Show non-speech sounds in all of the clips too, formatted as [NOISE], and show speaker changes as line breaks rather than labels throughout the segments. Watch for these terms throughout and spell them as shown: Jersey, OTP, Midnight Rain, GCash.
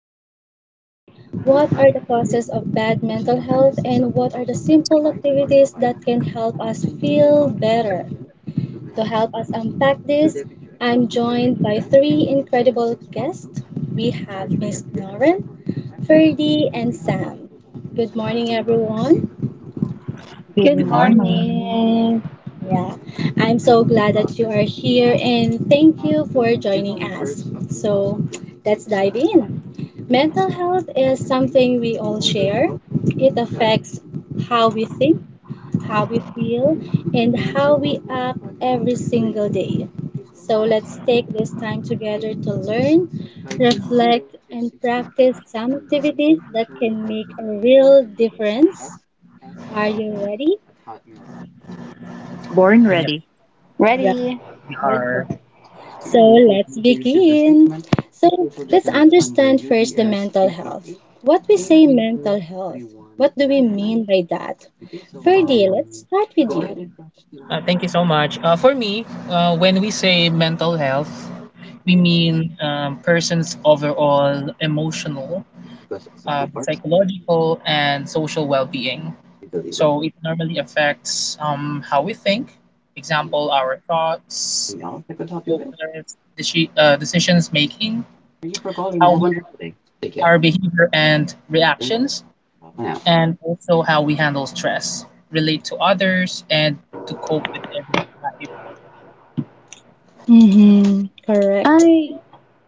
questions. What are the causes of bad mental health, and what are the simple activities that can help us feel better? To help us unpack this, I'm joined by three incredible guests. We have Miss Lauren, Ferdy, and Sam. Good morning everyone.
Good
Good
Good morning.
morning.
morning.
Yeah, I'm so glad that you are here and thank you for joining us. So, let's dive in. Mental health is something we all share. It affects how we think, how we feel, and how we act every single day. So, let's take this time together to learn, reflect, and practice some activities that can make a real difference. Are you ready?
Born
Yes,
ready.
Yeah,
Ready?
we
good job.
are.
So let's begin. So let's understand first the mental health. What we say mental health, what do we mean by that? Ferdy, let's start with you.
Thank you so much. For me, when we say mental health, we mean person's overall emotional, psychological, and social well-being. So it normally affects how we think. Example: our thoughts, focus, decisions making, how we our behavior and reactions, and also how we handle stress, relate to others, and to cope with everyday life.
Mm-hmm. Correct.
I,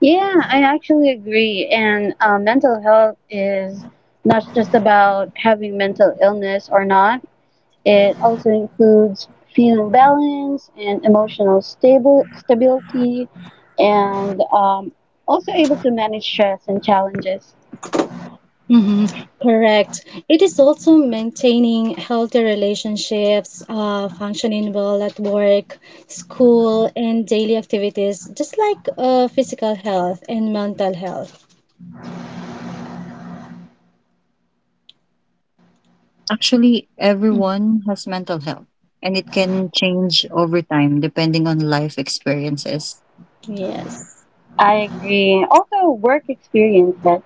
yeah, I actually agree. And mental health is not just about having mental illness or not. It also includes feeling balance and emotional stable stability, and also able to manage stress and challenges.
Mm-hmm. Correct. It is also maintaining healthy relationships, functioning well at work, school, and daily activities, just like physical health and mental health.
Actually,
Mhm.
everyone has mental health, and it can change over time depending on life experiences.
Yes.
I agree. Also, work experiences.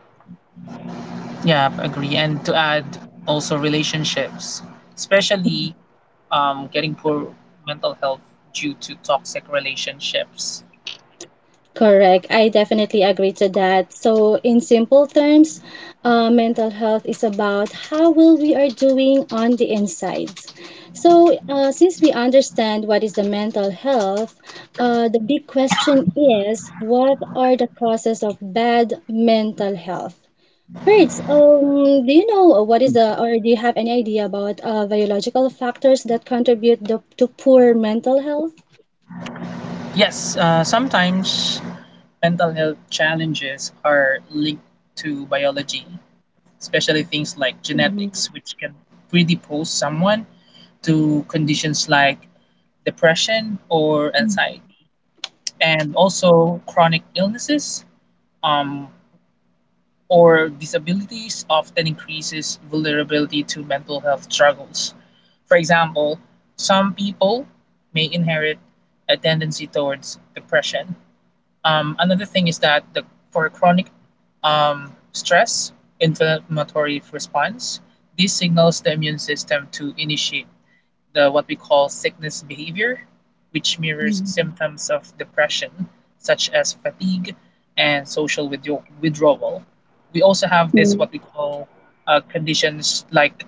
Yeah, I agree. And to add, also relationships, especially getting poor mental health due to toxic relationships.
Correct. I definitely agree to that. So, in simple terms, mental health is about how well we are doing on the inside. So, since we understand what is the mental health, the big question is, what are the causes of bad mental health? First, do you know what is the, or do you have any idea about biological factors that contribute the, to poor mental health?
Yes, sometimes mental health challenges are linked to biology, especially things like
Mhm.
genetics, which can predipose someone to conditions like depression or anxiety, and also chronic illnesses. Um, or disabilities often increases vulnerability to mental health struggles. For example, some people may inherit a tendency towards depression. Another thing is that for chronic stress, inflammatory response, this signals the immune system to initiate the what we call sickness behavior, which mirrors symptoms of depression, such as fatigue and social withdrawal. We also have this
Mm,
what we call conditions like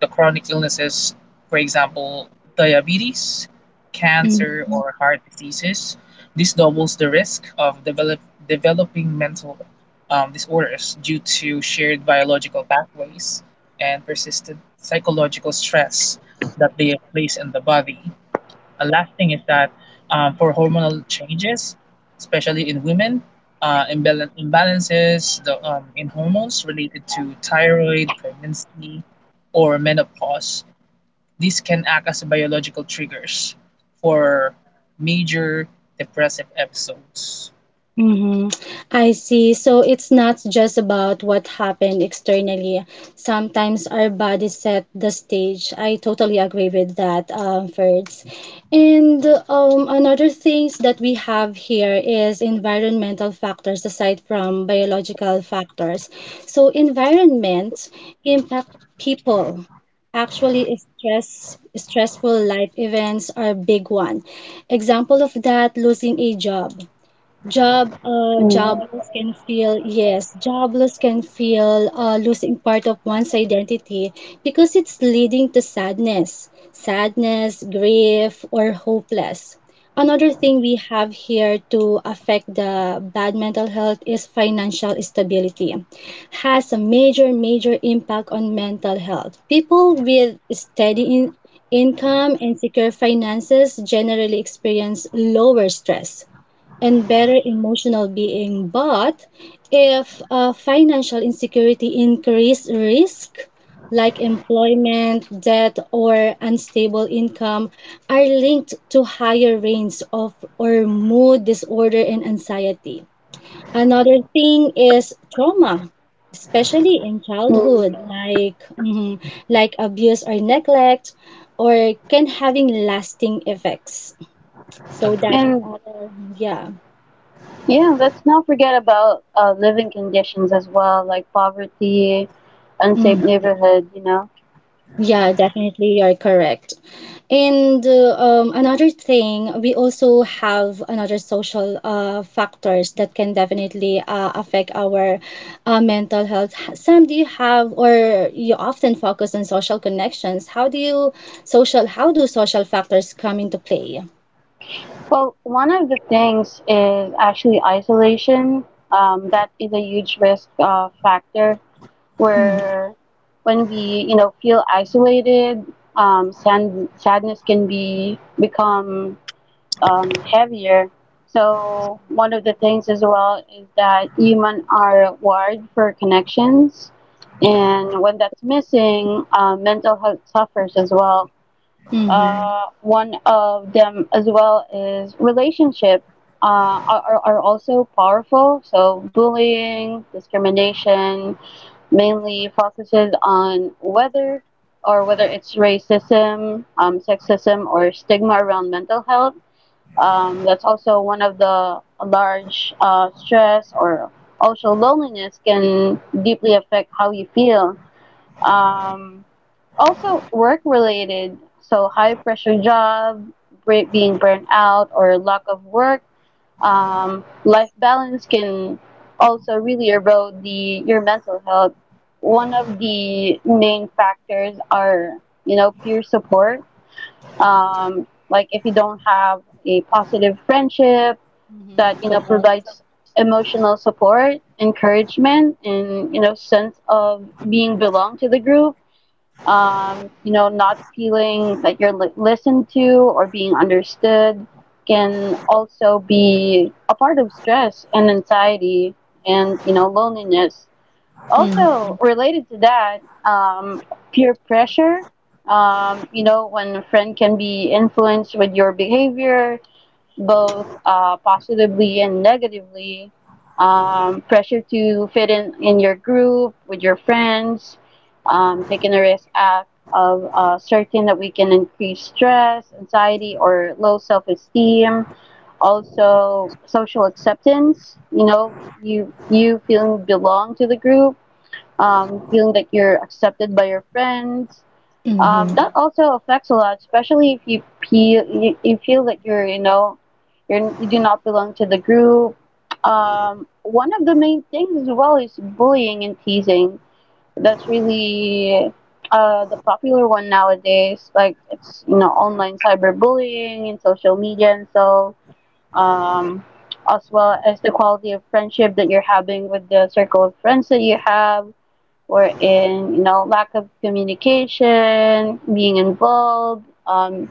the chronic illnesses, for example, diabetes, cancer,
Mhm.
or heart diseases. This doubles the risk of developing mental disorders due to shared biological pathways and persistent psychological stress that they place in the body. A last thing is that for hormonal changes, especially in women, imbalances in hormones related to thyroid, pregnancy, or menopause, these can act as biological triggers for major depressive episodes.
Mm-hmm. I see. So it's not just about what happened externally. Sometimes our body set the stage. I totally agree with that, Ferds. And another things that we have here is environmental factors aside from biological factors. So environment impact people. Actually, stressful life events are a big one. Example of that, losing a job.
mm,
Jobless can feel, yes, jobless can feel losing part of one's identity because it's leading to sadness, grief, or hopeless. Another thing we have here to affect the bad mental health is financial stability. Has a major, major impact on mental health. People with steady in income and secure finances generally experience lower stress and better emotional being. But if financial insecurity increase risk, like employment, debt, or unstable income, are linked to higher rates of or mood disorder and anxiety. Another thing is trauma, especially in
mm.
childhood, like abuse or neglect, or can having lasting effects. So that
Agree.
is
And
our, yeah.
yeah, let's not forget about living conditions as well, like poverty, unsafe
Mm-hmm.
neighborhood, you know.
Yeah, definitely, you're correct. And another thing, we also have another social factors that can definitely affect our mental health. Sam, do you have or you often focus on social connections? How do social factors come into play?
Well, one of the things is actually isolation. That is a huge risk factor
Mm-hmm.
where when we feel isolated, sadness can be become heavier. So one of the things as well is that humans are wired for connections, and when that's missing, mental health suffers as well.
Mm-hmm.
One of them as well is relationship, are also powerful. So bullying, discrimination mainly focuses on whether or whether it's racism, sexism, or stigma around mental health. That's also one of the large stress, or also loneliness can deeply affect how you feel. Um, Also, work related, so high pressure job, being burnt out, or lack of work, life balance can also really erode the your mental health. One of the main factors are peer support. Like, if you don't have a positive friendship that
Mm-hmm. Correct.
provides emotional support, encouragement, and sense of being belong to the group. Not feeling that you're listened to or being understood can also be a part of stress and anxiety and loneliness.
Mm-hmm.
Also related to that, um, peer pressure. When a friend can be influenced with your behavior, both positively and negatively. Pressure to fit in your group with your friends, taking a risk act of certain that we can increase stress, anxiety, or low self esteem. Also, social acceptance. You know, you feeling belong to the group, feeling that you're accepted by your friends. um,
Mm-hmm.
that also affects a lot, especially if you feel you, you feel that you do not belong to the group. One of the main things as well is bullying and teasing. That's really the popular one nowadays. Like it's online cyberbullying and social media, and so um, as well as the quality of friendship that you're having with the circle of friends that you have or in lack of communication, being involved,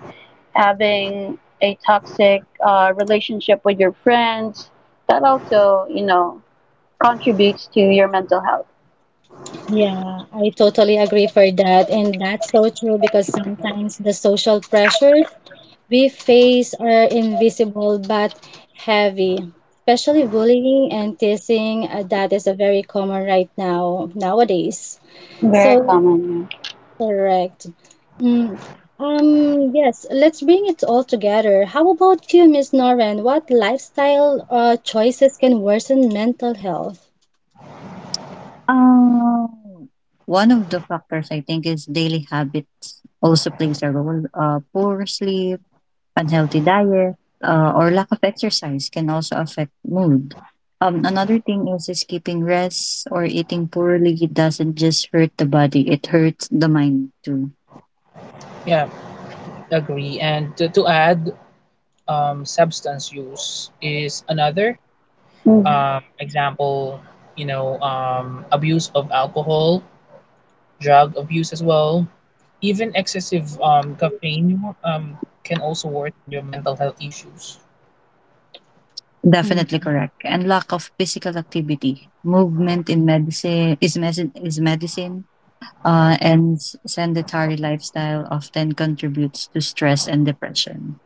having a toxic relationship with your friends, that also contributes to your mental health.
Yeah, I totally agree for that. And that's so true because sometimes the social pressures we face are invisible but heavy, especially bullying and teasing. That is a very common right now nowadays.
Very
So
common. Yeah.
correct. Mm. Yes, let's bring it all together. How about you, Miss Noren? What lifestyle choices can worsen mental health?
Um, One of the factors I think is daily habits also plays a role. Poor sleep, unhealthy diet, or lack of exercise can also affect mood. Another thing is skipping rest or eating poorly doesn't just hurt the body; it hurts the mind too.
Yeah, agree. And to add, substance use is another
Hmm.
example, abuse of alcohol, drug abuse as well. Even excessive caffeine can also worsen your mental health issues.
Definitely correct. And lack of physical activity. Movement in medicine is medicine is medicine. And s- Sedentary lifestyle often contributes to stress and depression.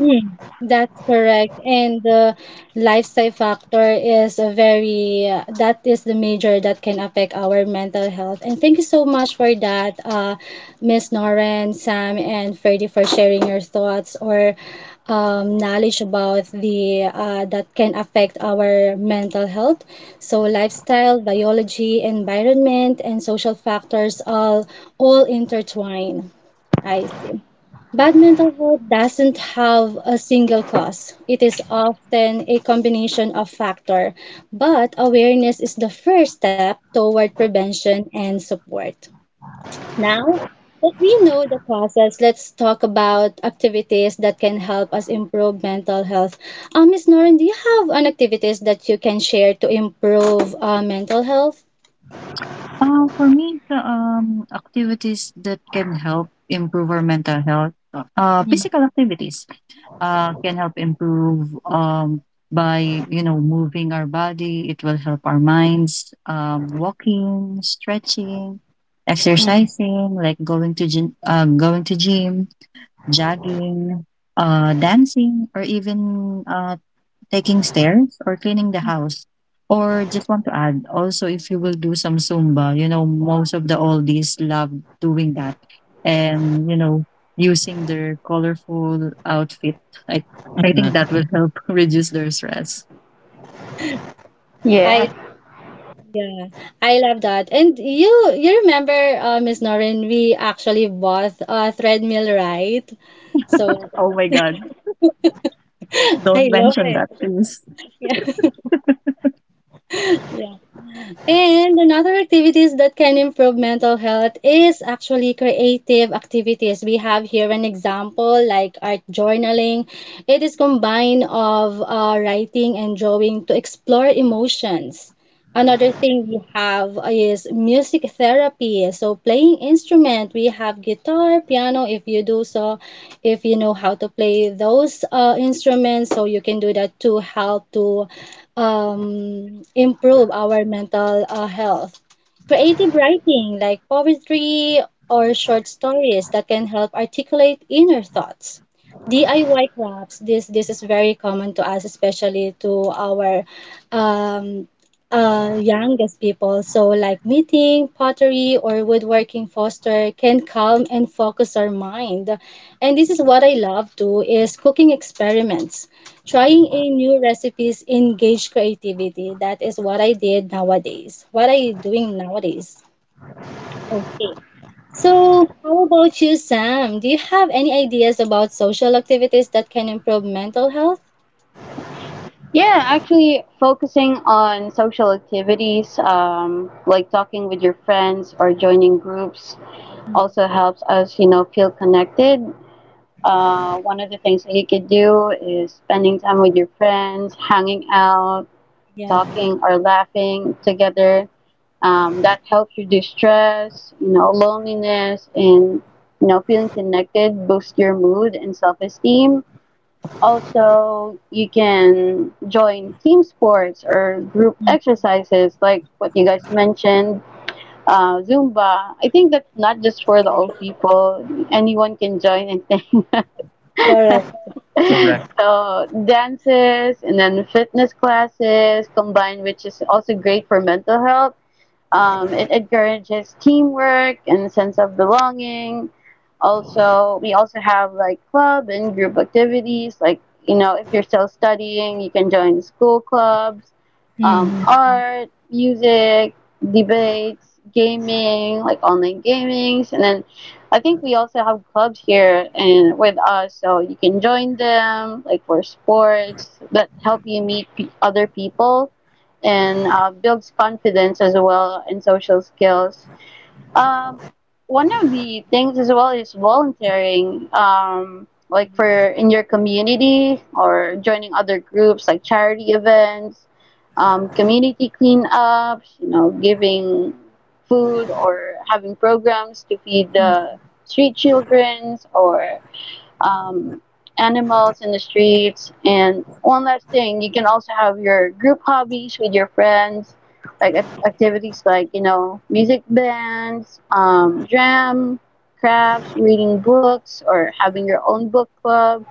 That's correct. And the lifestyle factor is a very, that is the major that can affect our mental health. And thank you so much for that, Miss Noren, Sam, and Ferdy for sharing your thoughts or knowledge about the that can affect our mental health. So lifestyle, biology, environment, and social factors all intertwine. I see. Bad mental health doesn't have a single cause. It is often a combination of factors, but awareness is the first step toward prevention and support. Now that we know the causes, let's talk about activities that can help us improve mental health. Miss Noren, do you have an activities that you can share to improve mental health?
For me, the activities that can help improve our mental health,
Hmm.
physical activities can help improve, by you know moving our body, it will help our minds, walking, stretching, exercising, like going to gym, going to gym, jogging, dancing, or even taking stairs or cleaning the house. Or just want to add, also if you will do some Zumba, you know, most of the oldies love doing that and, you know, using their colorful outfit. I, I think that
Mhm.
will help [LAUGHS] reduce their stress.
I
Yes.
Yeah, I love that. And you remember, Miss Noreen, we actually bought a treadmill, right? So
Oh my God.
I
Don't
love
mention that, please.
it. [LAUGHS] Yeah. And another activities that can improve mental health is actually creative activities. We have here an example like art journaling. It is combined of writing and drawing to explore emotions. Another thing we have is music therapy. So playing instrument, we have guitar, piano if you do so, if you know how to play those instruments, so you can do that to help to improve our mental health. Creative writing, like poetry or short stories that can help articulate inner thoughts. DIY crafts, this is very common to us, especially to our um, youngest people. So like knitting, pottery, or woodworking foster can calm and focus our mind. And this is what I love too, is cooking experiments. Trying a new recipes engage creativity. That is what I did nowadays. What are you doing nowadays? Okay. So, how about you, Sam? Do you have any ideas about social activities that can improve mental health?
Yeah, actually, focusing on social activities, like talking with your friends or joining groups, also helps us feel connected. One of the things that you could do is spending time with your friends, hanging out,
Yeah,
talking or laughing together. That helps reduce stress, loneliness, and feeling connected, boost your mood and self-esteem. Also, you can join team sports or group exercises like what you guys mentioned, Zumba. I think that's not just for the old
yes,
people. Anyone can join, and [LAUGHS]
correct.
[LAUGHS] so dances and then fitness classes combined, which is also great for mental health. It encourages teamwork and sense of belonging. Also, we also have like club and group activities. Like, if you're still studying, you can join school clubs,
Hmm.
art, music, debates, gaming, like online gamings. And then I think we also have clubs here and with us, so you can join them, like for sports that help you meet pe other people and builds confidence as well and social skills. Um, One of the things as well is volunteering, like for in your community or joining other groups like charity events, community cleanups, giving food or having programs to feed the street childrens or um, animals in the streets. And one last thing, you can also have your group hobbies with your friends, like activities like music bands, jam, crafts, reading books, or having your own book club.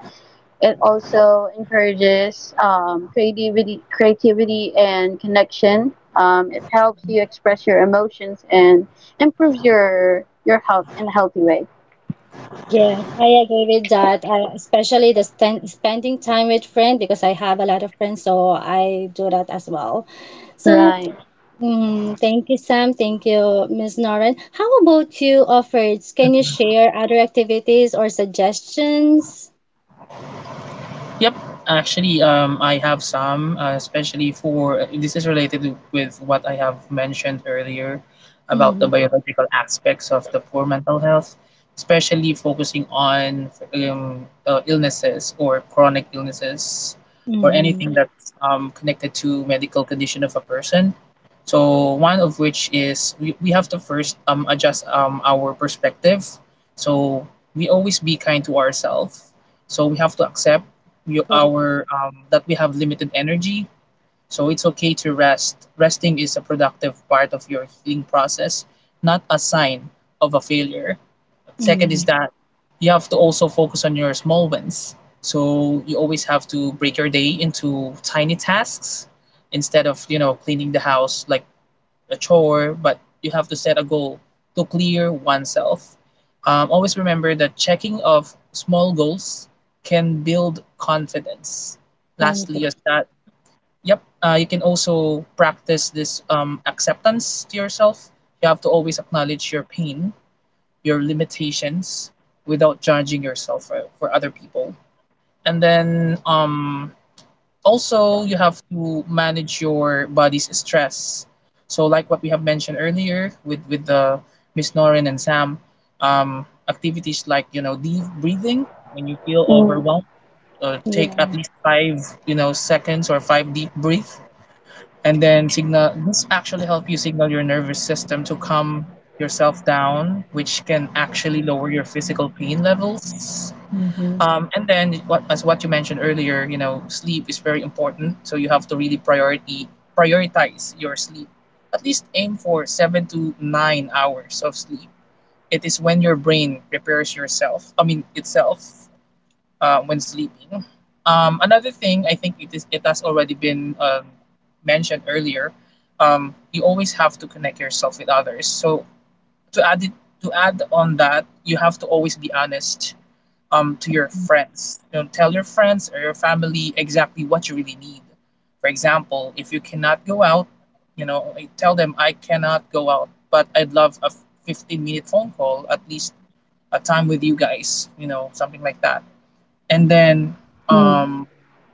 It also encourages creativity and connection. It helps you express your emotions and improves your health in a healthy way.
Yes, I agree with that. Especially the spending time with friends because I have a lot of friends, so I do that as well. So,
Right.
Thank you, Sam. Thank you, Ms. Noren. How about you, offers? Can you share other activities or suggestions?
Yep, actually, I have some, especially for this is related with what I have mentioned earlier about the
Mm-hmm.
biological aspects of the poor mental health, especially focusing on illnesses or chronic illnesses or
Mm-hmm.
anything that's connected to medical condition of a person. So one of which is we have to first adjust our perspective. So we always be kind to ourselves. So we have to accept
Correct.
our that we have limited energy, so it's okay to rest. Resting is a productive part of your healing process, not a sign of a failure. Second is
Mm-hmm.
that you have to also focus on your small wins, so you always have to break your day into tiny tasks instead of you know cleaning the house like a chore, but you have to set a goal to clear oneself. Always remember that checking of small goals can build confidence. Lastly, is
Conflict.
that yep, you can also practice this acceptance to yourself. You have to always acknowledge your pain, your limitations, without judging yourself for other people. And then also you have to manage your body's stress, so like what we have mentioned earlier with the Miss Norin and Sam. Activities like you know deep breathing when you feel
Mm,
overwhelmed. Take at
Yeah.
least five you know seconds or five deep breath, and then signal this actually help you signal your nervous system to calm yourself down, which can actually lower your physical pain levels.
Mm-hmm.
And then what, as what you mentioned earlier, you know, sleep is very important. So you have to really priority prioritize your sleep. At least aim for 7 to 9 hours of sleep. It is when your brain prepares yourself. I mean itself when sleeping. Another thing I think it is it has already been mentioned earlier. You always have to connect yourself with others. So to add it to add on that, you have to always be honest to your friends. You know, tell your friends or your family exactly what you really need. For example, if you cannot go out, you know, tell them I cannot go out, but I'd love a 15-minute phone call, at least a time with you guys, you know, something like that. And then
mm,
um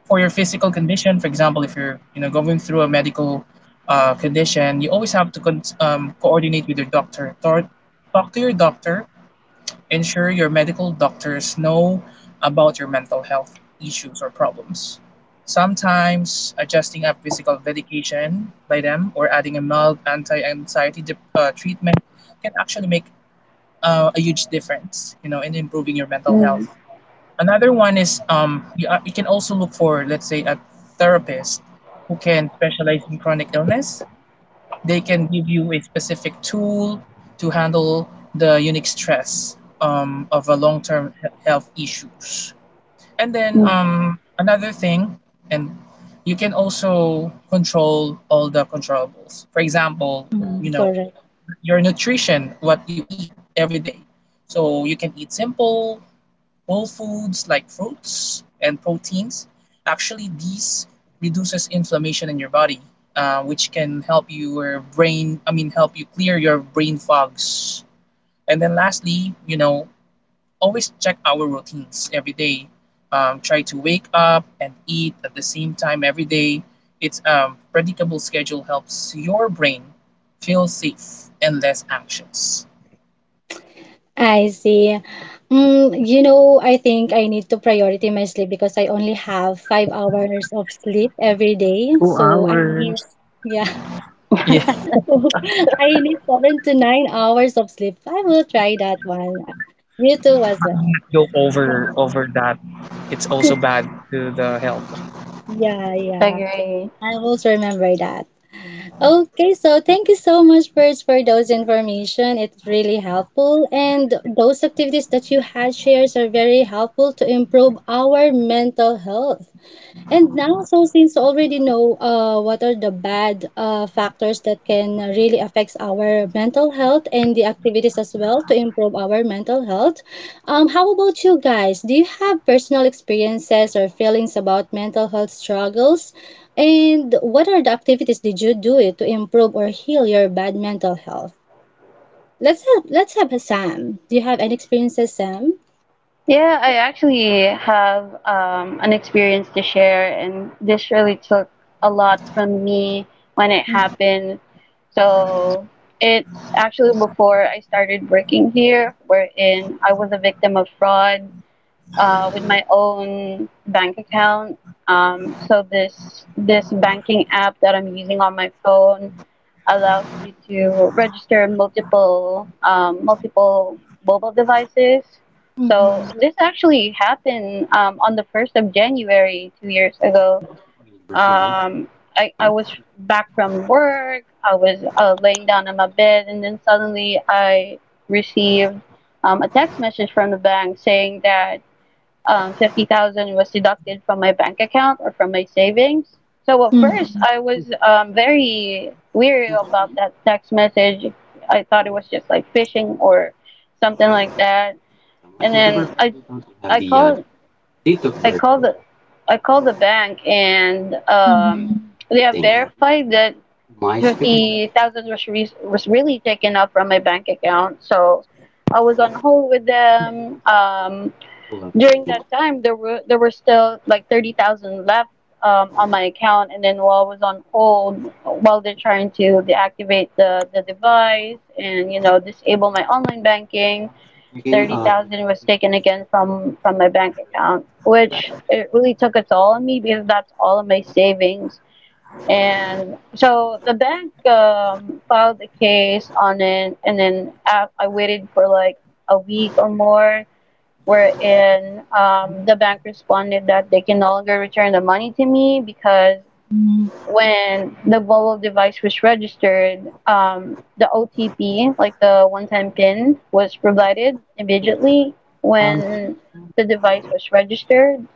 for your physical condition, for example, if you're, you know, going through a medical condition, you always have to coordinate with your doctor. Talk to your doctor. Ensure your medical doctors know about your mental health issues or problems. Sometimes adjusting a physical medication by them or adding a mild anti-anxiety treatment can actually make a huge difference, you know, in improving your mental
mm.
health. Another one is you can also look for, let's say, a therapist who can specialize in chronic illness. They can give you a specific tool to handle the unique stress of a long-term health issues. And then
Mm,
another thing, and you can also control all the controllables. For example,
Mm-hmm.
you know,
Correct.
your nutrition, what you eat every day. So you can eat simple, whole foods like fruits and proteins. Actually these reduces inflammation in your body, which can help your brain, I mean, help you clear your brain fogs. And then lastly, you know, always check our routines every day. Try to wake up and eat at the same time every day. It's predictable schedule helps your brain feel safe and less anxious.
I see. I think I need to priority my sleep because I only have 5 hours of sleep every day.
Two
So I need,
hours.
yeah, [LAUGHS]
Yeah,
so I need 7 to 9 hours of sleep. I will try that one. You too as well.
go over that. It's also bad to the health.
Yeah, yeah.
agree.
I will remember that. Okay, so thank you so much, Birds, for those information. It's really helpful. And those activities that you had shares are very helpful to improve our mental health. And now, so since you already know what are the bad factors that can really affect our mental health and the activities as well to improve our mental health, how about you guys? Do you have personal experiences or feelings about mental health struggles? And what are the activities did you do it to improve or heal your bad mental health? Let's have Sam. Do you have any experiences, Sam?
Yeah, I actually have an experience to share, and this really took a lot from me when it happened. So it's actually before I started working here, wherein I was a victim of fraud with my own bank account. So this banking app that I'm using on my phone allows you to register multiple mobile devices.
Mm-hmm.
So this actually happened on the first of January 2 years ago. Um, I was back from work. I was laying down on my bed, and then suddenly I received a text message from the bank saying that 50,000 was deducted from my bank account or from my savings. So at first, I was very weary about that text message. I thought it was just like phishing or something like that. And then I called I called the I called the bank and
Mm-hmm.
they have verified that 50,000 was really taken up from my bank account. So I was on hold with them. During that time there were still like 30,000 left on my account, and then while I was on hold, while they're trying to deactivate the device and disable my online banking, 30,000 was taken again from my bank account, which it really took a toll on me because that's all of my savings. And so the bank filed a case on it, and then I waited for like a week or more, wherein the bank responded that they can no longer return the money to me, because when the mobile device was registered, the OTP, like the one time PIN, was provided immediately when the device was registered,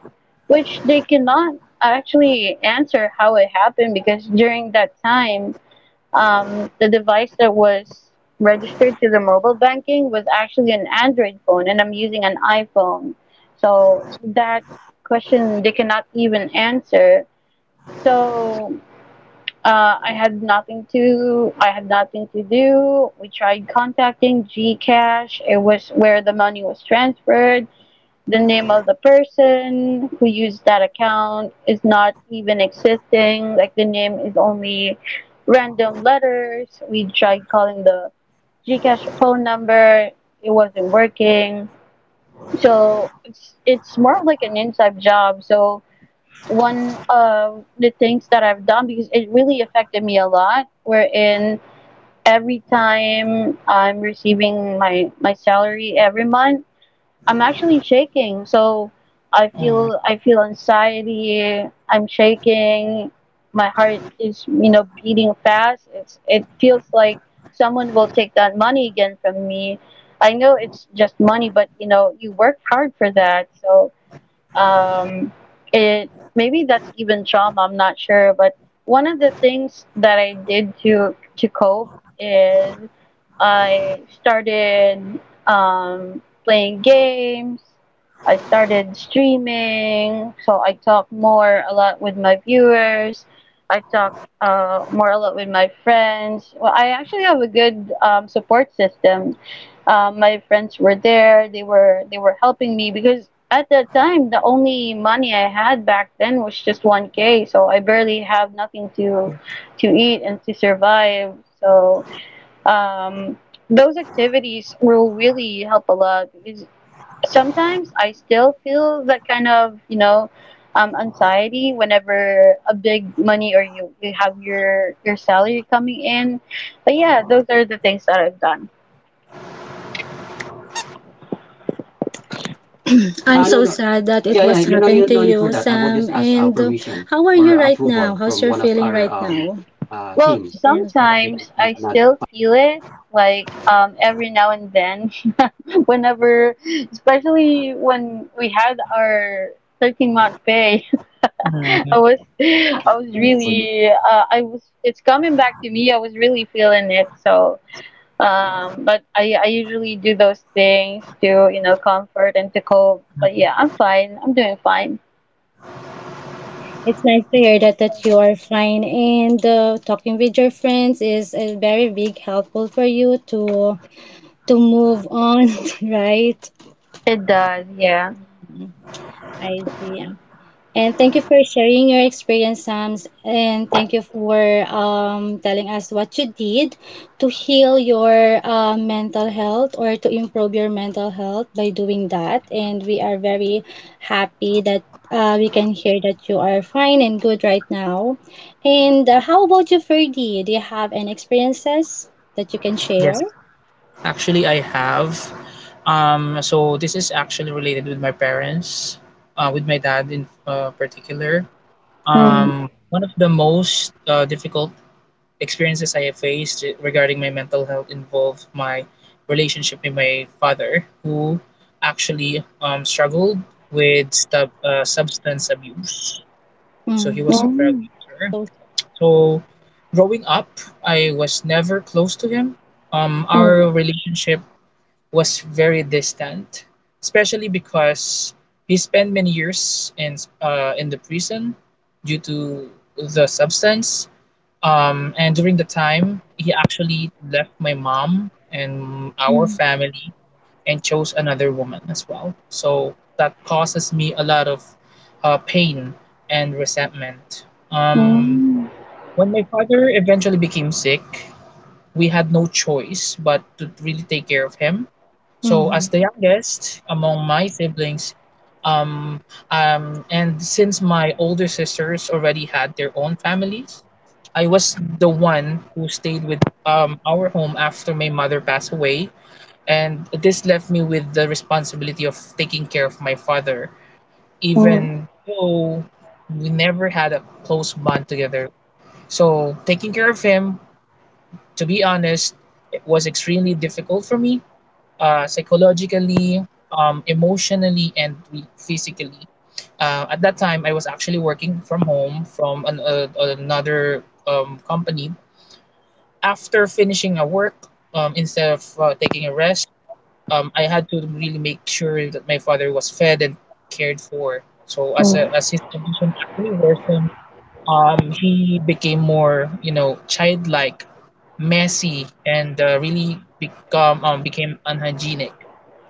which they cannot actually answer how it happened because during that time the device that was registered to the mobile banking was actually an Android phone, and I'm using an iPhone. So that question they cannot even answer. So I had nothing to do. We tried contacting GCash. It was where the money was transferred. The name of the person who used that account is not even existing. Like the name is only random letters. We tried calling the GCash phone number. It wasn't working. So it's more of like an inside job. So one of the things that I've done, because it really affected me a lot, wherein every time I'm receiving my salary every month, I'm actually shaking, so I
Mm,
feel I feel anxiety. I'm shaking. My heart is beating fast. It feels like someone will take that money again from me. I know it's just money, but you worked hard for that, so um, it maybe that's even trauma. I'm not sure. But one of the things that I did to cope is I started playing games. I started streaming, so I talk more a lot with my viewers. I talk more a lot with my friends. Well, I actually have a good support system. My friends were there. They were helping me because at that time the only money I had back then was just 1K. So I barely have nothing to eat and to survive. So um, those activities will really help a lot, because sometimes I still feel that kind of anxiety whenever a big money or you have your salary coming in. But yeah, those are the things that I've done.
I'm so sad that it was happened to you, Sam. And how are you right now? Approval How's your feeling right now?
Well,
Yes.
sometimes I still feel it, like every now and then, [LAUGHS] whenever, especially when we had our 13th month pay, [LAUGHS] I was,
I
I was
see.
really, uh, I was, it's coming back to me. I was really feeling it. So, but I usually do those things to comfort and to cope. But yeah, I'm fine. I'm doing fine.
Mm. It's nice to hear that you are fine and talking with your friends is a very big helpful for you to move on, [LAUGHS] right?
It does, yeah.
I see. And thank you for sharing your experience, Sams. And thank you for telling us what you did to heal your mental health or to improve your mental health by doing that. And we are very happy that we can hear that you are fine and good right now. And how about you, Ferdy? Do you have any experiences that you can share?
yes, actually, I have. So this is actually related with my parents, with my dad in particular.
Mm,
Mm,
One of the most difficult experiences I have faced regarding my mental health involved my relationship with my father, who actually struggled with substance abuse. So he
mm,
was a drug
mm,
user.
so-
So growing up, I was never close to him.
mm, mm,
Our relationship was very distant, especially because he spent many years in the prison due to the substance. And during the time, he actually left my mom and our
mm,
family and chose another woman as well. So that causes me a lot of pain and resentment. Um,
mm,
when my father eventually became sick, we had no choice but to really take care of him. So, as
mhm.
the youngest among my siblings, um, and since my older sisters already had their own families, I was the one who stayed with our home after my mother passed away, and this left me with the responsibility of taking care of my father,
mm.
even though we never had a close bond together. So, taking care of him, to be honest, it was extremely difficult for me, psychologically, emotionally, and physically. At that time, I was actually working from home from another company. After finishing a work, instead of taking a rest, I had to really make sure that my father was fed and cared for. So as a,
Mm.
as his condition actually worsened, he became more, you know, childlike, messy, and really become became unhygienic.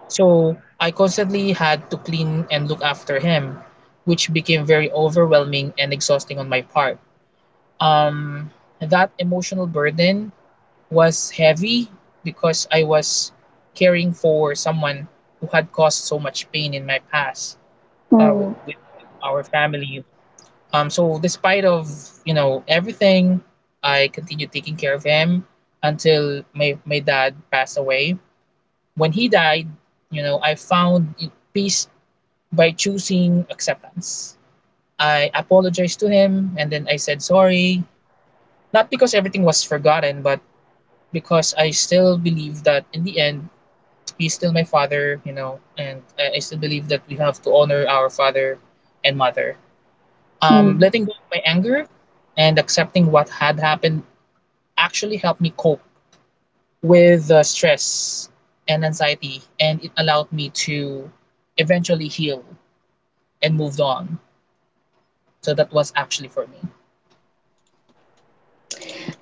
So I constantly had to clean and look after him, which became very overwhelming and exhausting on my part. Um, that emotional burden was heavy because I was caring for someone who had caused so much pain in my past
Mm,
with our family. So despite of you know everything, I continued taking care of him until my dad passed away. When he died, you know I found peace by choosing acceptance. I apologized to him and then I said sorry, not because everything was forgotten, but because I still believe that in the end he's still my father, you know, and I still believe that we have to honor our father and mother.
mm,
Letting go of my anger and accepting what had happened actually helped me cope with the stress and anxiety, and it allowed me to eventually heal and moved on. So that was actually for me.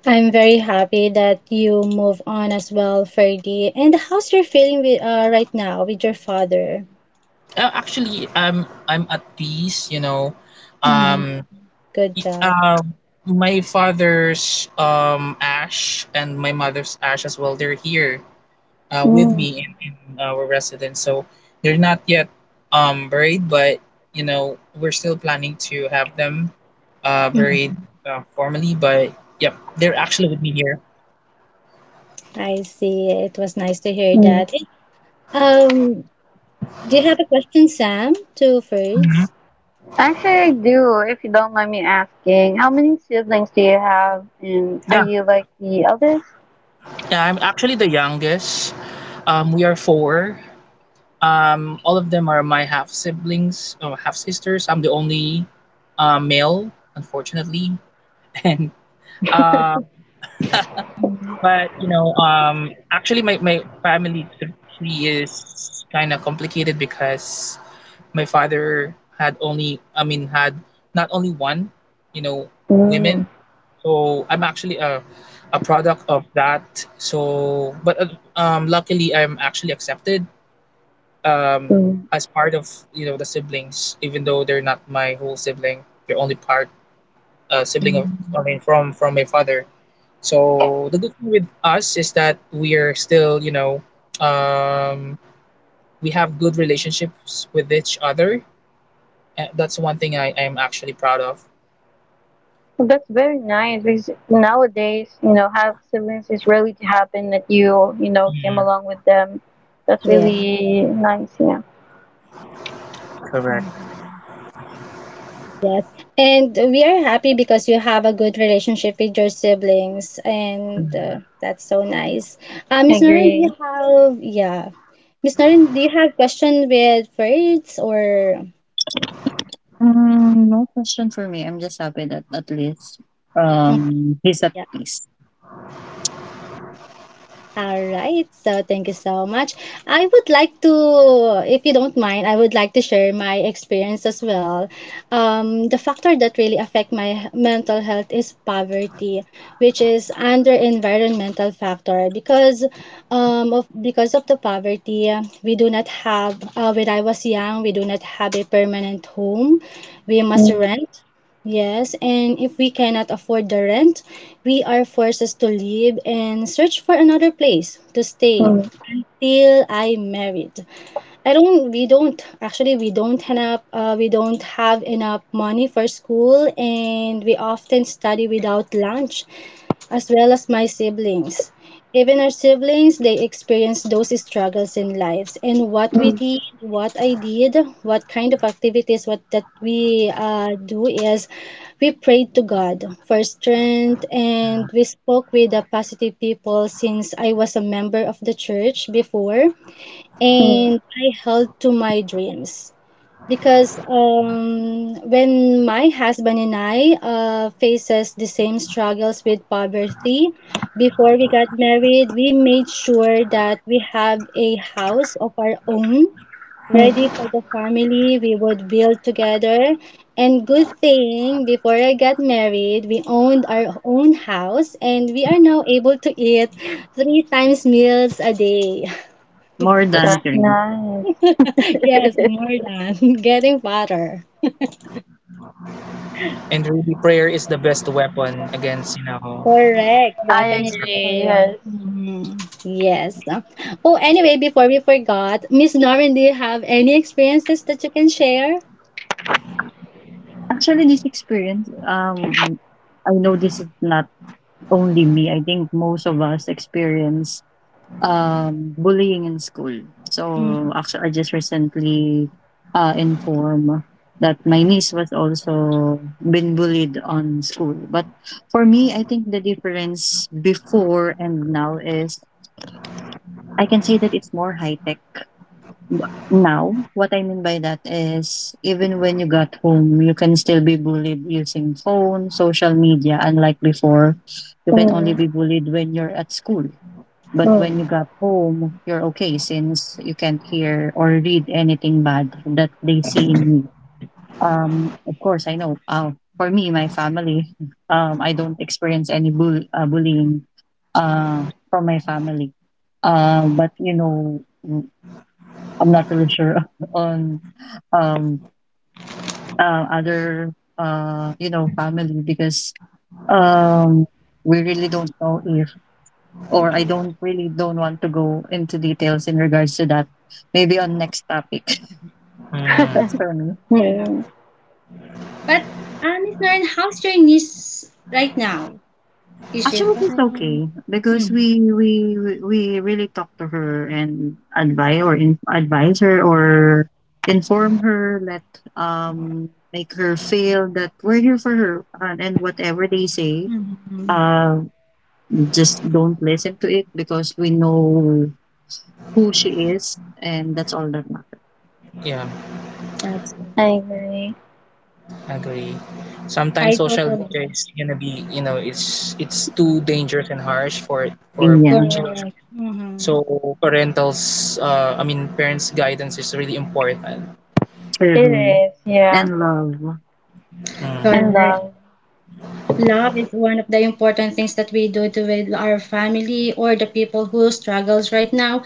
I'm very happy that you move on as well, Ferdy. And how's your feeling with, right now with your father?
Actually, I'm at peace. You know,
Hmm.
um,
Good
y-
job.
um, my father's ash and my mother's ash as well. They're here with
mm,
me in and our residence. So they're not yet buried, but you know we're still planning to have them buried
Mhm.
formally. But yep, they're actually with me here.
I see. It was nice to hear
mm.
that. Um, do you have a question, Sam, to
Mhm.
Ferds?
Actually, I do, if you don't mind me asking. How many siblings do you have, and are
Yeah,
you like the eldest?
yeah. I'm actually the youngest. We are four. All of them are my half siblings, or half sisters. I'm the only male, unfortunately, [LAUGHS] and uh, but you know, actually, my family tree is kind of complicated because my father had only, I mean, had not only one, you know,
Mm,
women. So I'm actually a product of that. So, but luckily, I'm actually accepted um
mm.
as part of you know the siblings, even though they're not my whole sibling. They're only part sibling of,
Mhm.
I mean, from my father. So the good thing with us is that we are still, you know, um, we have good relationships with each other. And that's one thing I am actually proud of.
Well, that's very nice because nowadays, have siblings is rarely to happen that you came
Mm,
along with them. That's
Yeah.
really nice, yeah.
correct.
Mhm. Yes. And we are happy because you have a good relationship with your siblings, and
Mm,
that's so nice.
I
Miss Noreen, do you
agree.
have, yeah. Miss Noreen, do you have question with words or?
No question for me. I'm just happy that at least
Mm,
he's at
yeah.
peace.
All right, so thank you so much. I would like to, if you don't mind, I would like to share my experience as well. The factor that really affect my mental health is poverty, which is under environmental factor because of because of the poverty, we do not have. When I was young, we do not have a permanent home. We must
Mm,
rent, yes, and if we cannot afford the rent, we are forced to leave and search for another place to stay
mm,
till I married. I don't, we don't, actually, we don't have enough money for school, and we often study without lunch as well as my siblings. Even our siblings, they experienced those struggles in lives. And
mm,
what I did, what kind of activities, what that we do is, we prayed to God for strength and we spoke with the positive people since I was a member of the church before,
mm,
and I held to my dreams because when my husband and I faces the same struggles with poverty, before we got married, we made sure that we have a house of our own
mm.
ready for the family we would build together. And good thing, before I got married, we owned our own house, and we are now able to eat three times meals a day. [LAUGHS]
More
that's
That's
than three.
nice.
Yes, more
[LAUGHS]
than, [LAUGHS] getting fatter.
and really prayer is the best weapon against, you know,
Correct,
I
definitely
struggle.
agree, yes.
correct. Mhm. Yes. Oh, anyway, before we forgot, Miss Noreen, do you have any experiences that you can share?
Actually, this experience, I know this is not only me. I think most of us experience bullying in school. So
Mm,
actually, I just recently informed that my niece was also been bullied on school. But for me, I think the difference before and now is I can say that it's more high tech. But now, what I mean by that is even when you got home, you can still be bullied using phone, social media. Unlike before, you can only
Mm,
be bullied when you're at school. But when
mm.
you got home, you're okay since you can't hear or read anything bad that they see in you. Of course, I know. For me, my family, I don't experience any bullying from my family. But you know, I'm not really sure [LAUGHS] on um other you know family because um we really don't know if or I don't really don't want to go into details in regards to that. Maybe on next topic. [LAUGHS] That's
[LAUGHS]
Mm,
for me.
yeah.
Hmm,
But Miss Noreen, how's your niece right now? Is she
Actually, it's
fine?
okay because
Mhm,
we really talk to her and advise her or inform her, let make her feel that we're here for her, and whatever they say,
mhm.
uh, just don't listen to it because we know who she is and that's all that matters.
yeah,
That's
I
great.
agree.
agree. Sometimes
I
social
totally
media is gonna be, you know, it's too dangerous and harsh for for
And yeah,
children.
correct. Mhm.
So parentals, I mean parents' guidance is really important.
It
true.
is, yeah.
And love.
And
Mhm,
Correct.
love.
Love is one of the important things that we do to with our family or the people who struggles right now,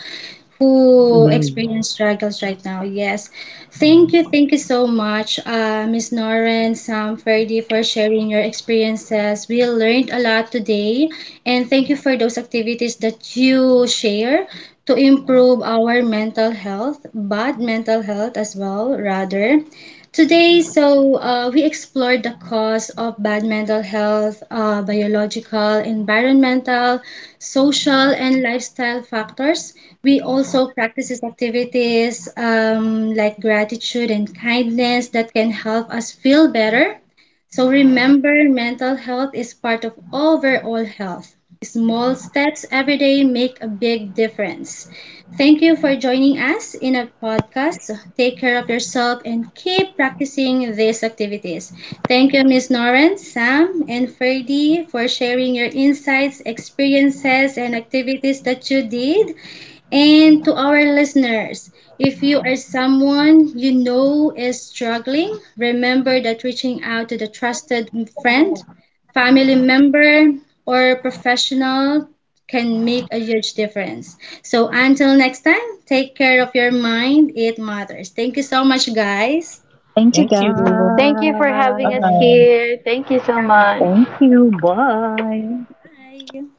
who
Yay.
experience struggles right now. Yes. Thank you.
mhm.
Thank you so much, Miss Noren, Sam, Ferdy, for sharing your experiences. We learned a lot today, and thank you for those activities that you share to improve our mental health, but mental health as well, rather. Today, so we explored the cause of bad mental health, biological, environmental, social, and lifestyle factors. We also practices activities like gratitude and kindness that can help us feel better. So remember, mental health is part of overall health. Small steps every day make a big difference. Thank you for joining us in a podcast. So take care of yourself and keep practicing these activities. Thank you, Ms. Noren, Sam, and Ferdy for sharing your insights, experiences, and activities that you did. And to our listeners, if you are someone you know is struggling, remember that reaching out to the trusted friend, family member, or professional can make a huge difference. So until next time, take care of your mind. It matters. Thank you so much, guys.
Thank you
Thank you.
guys.
Thank you for having us
Bye-bye.
here. Thank you so
Thank
much.
you. Bye.
Bye.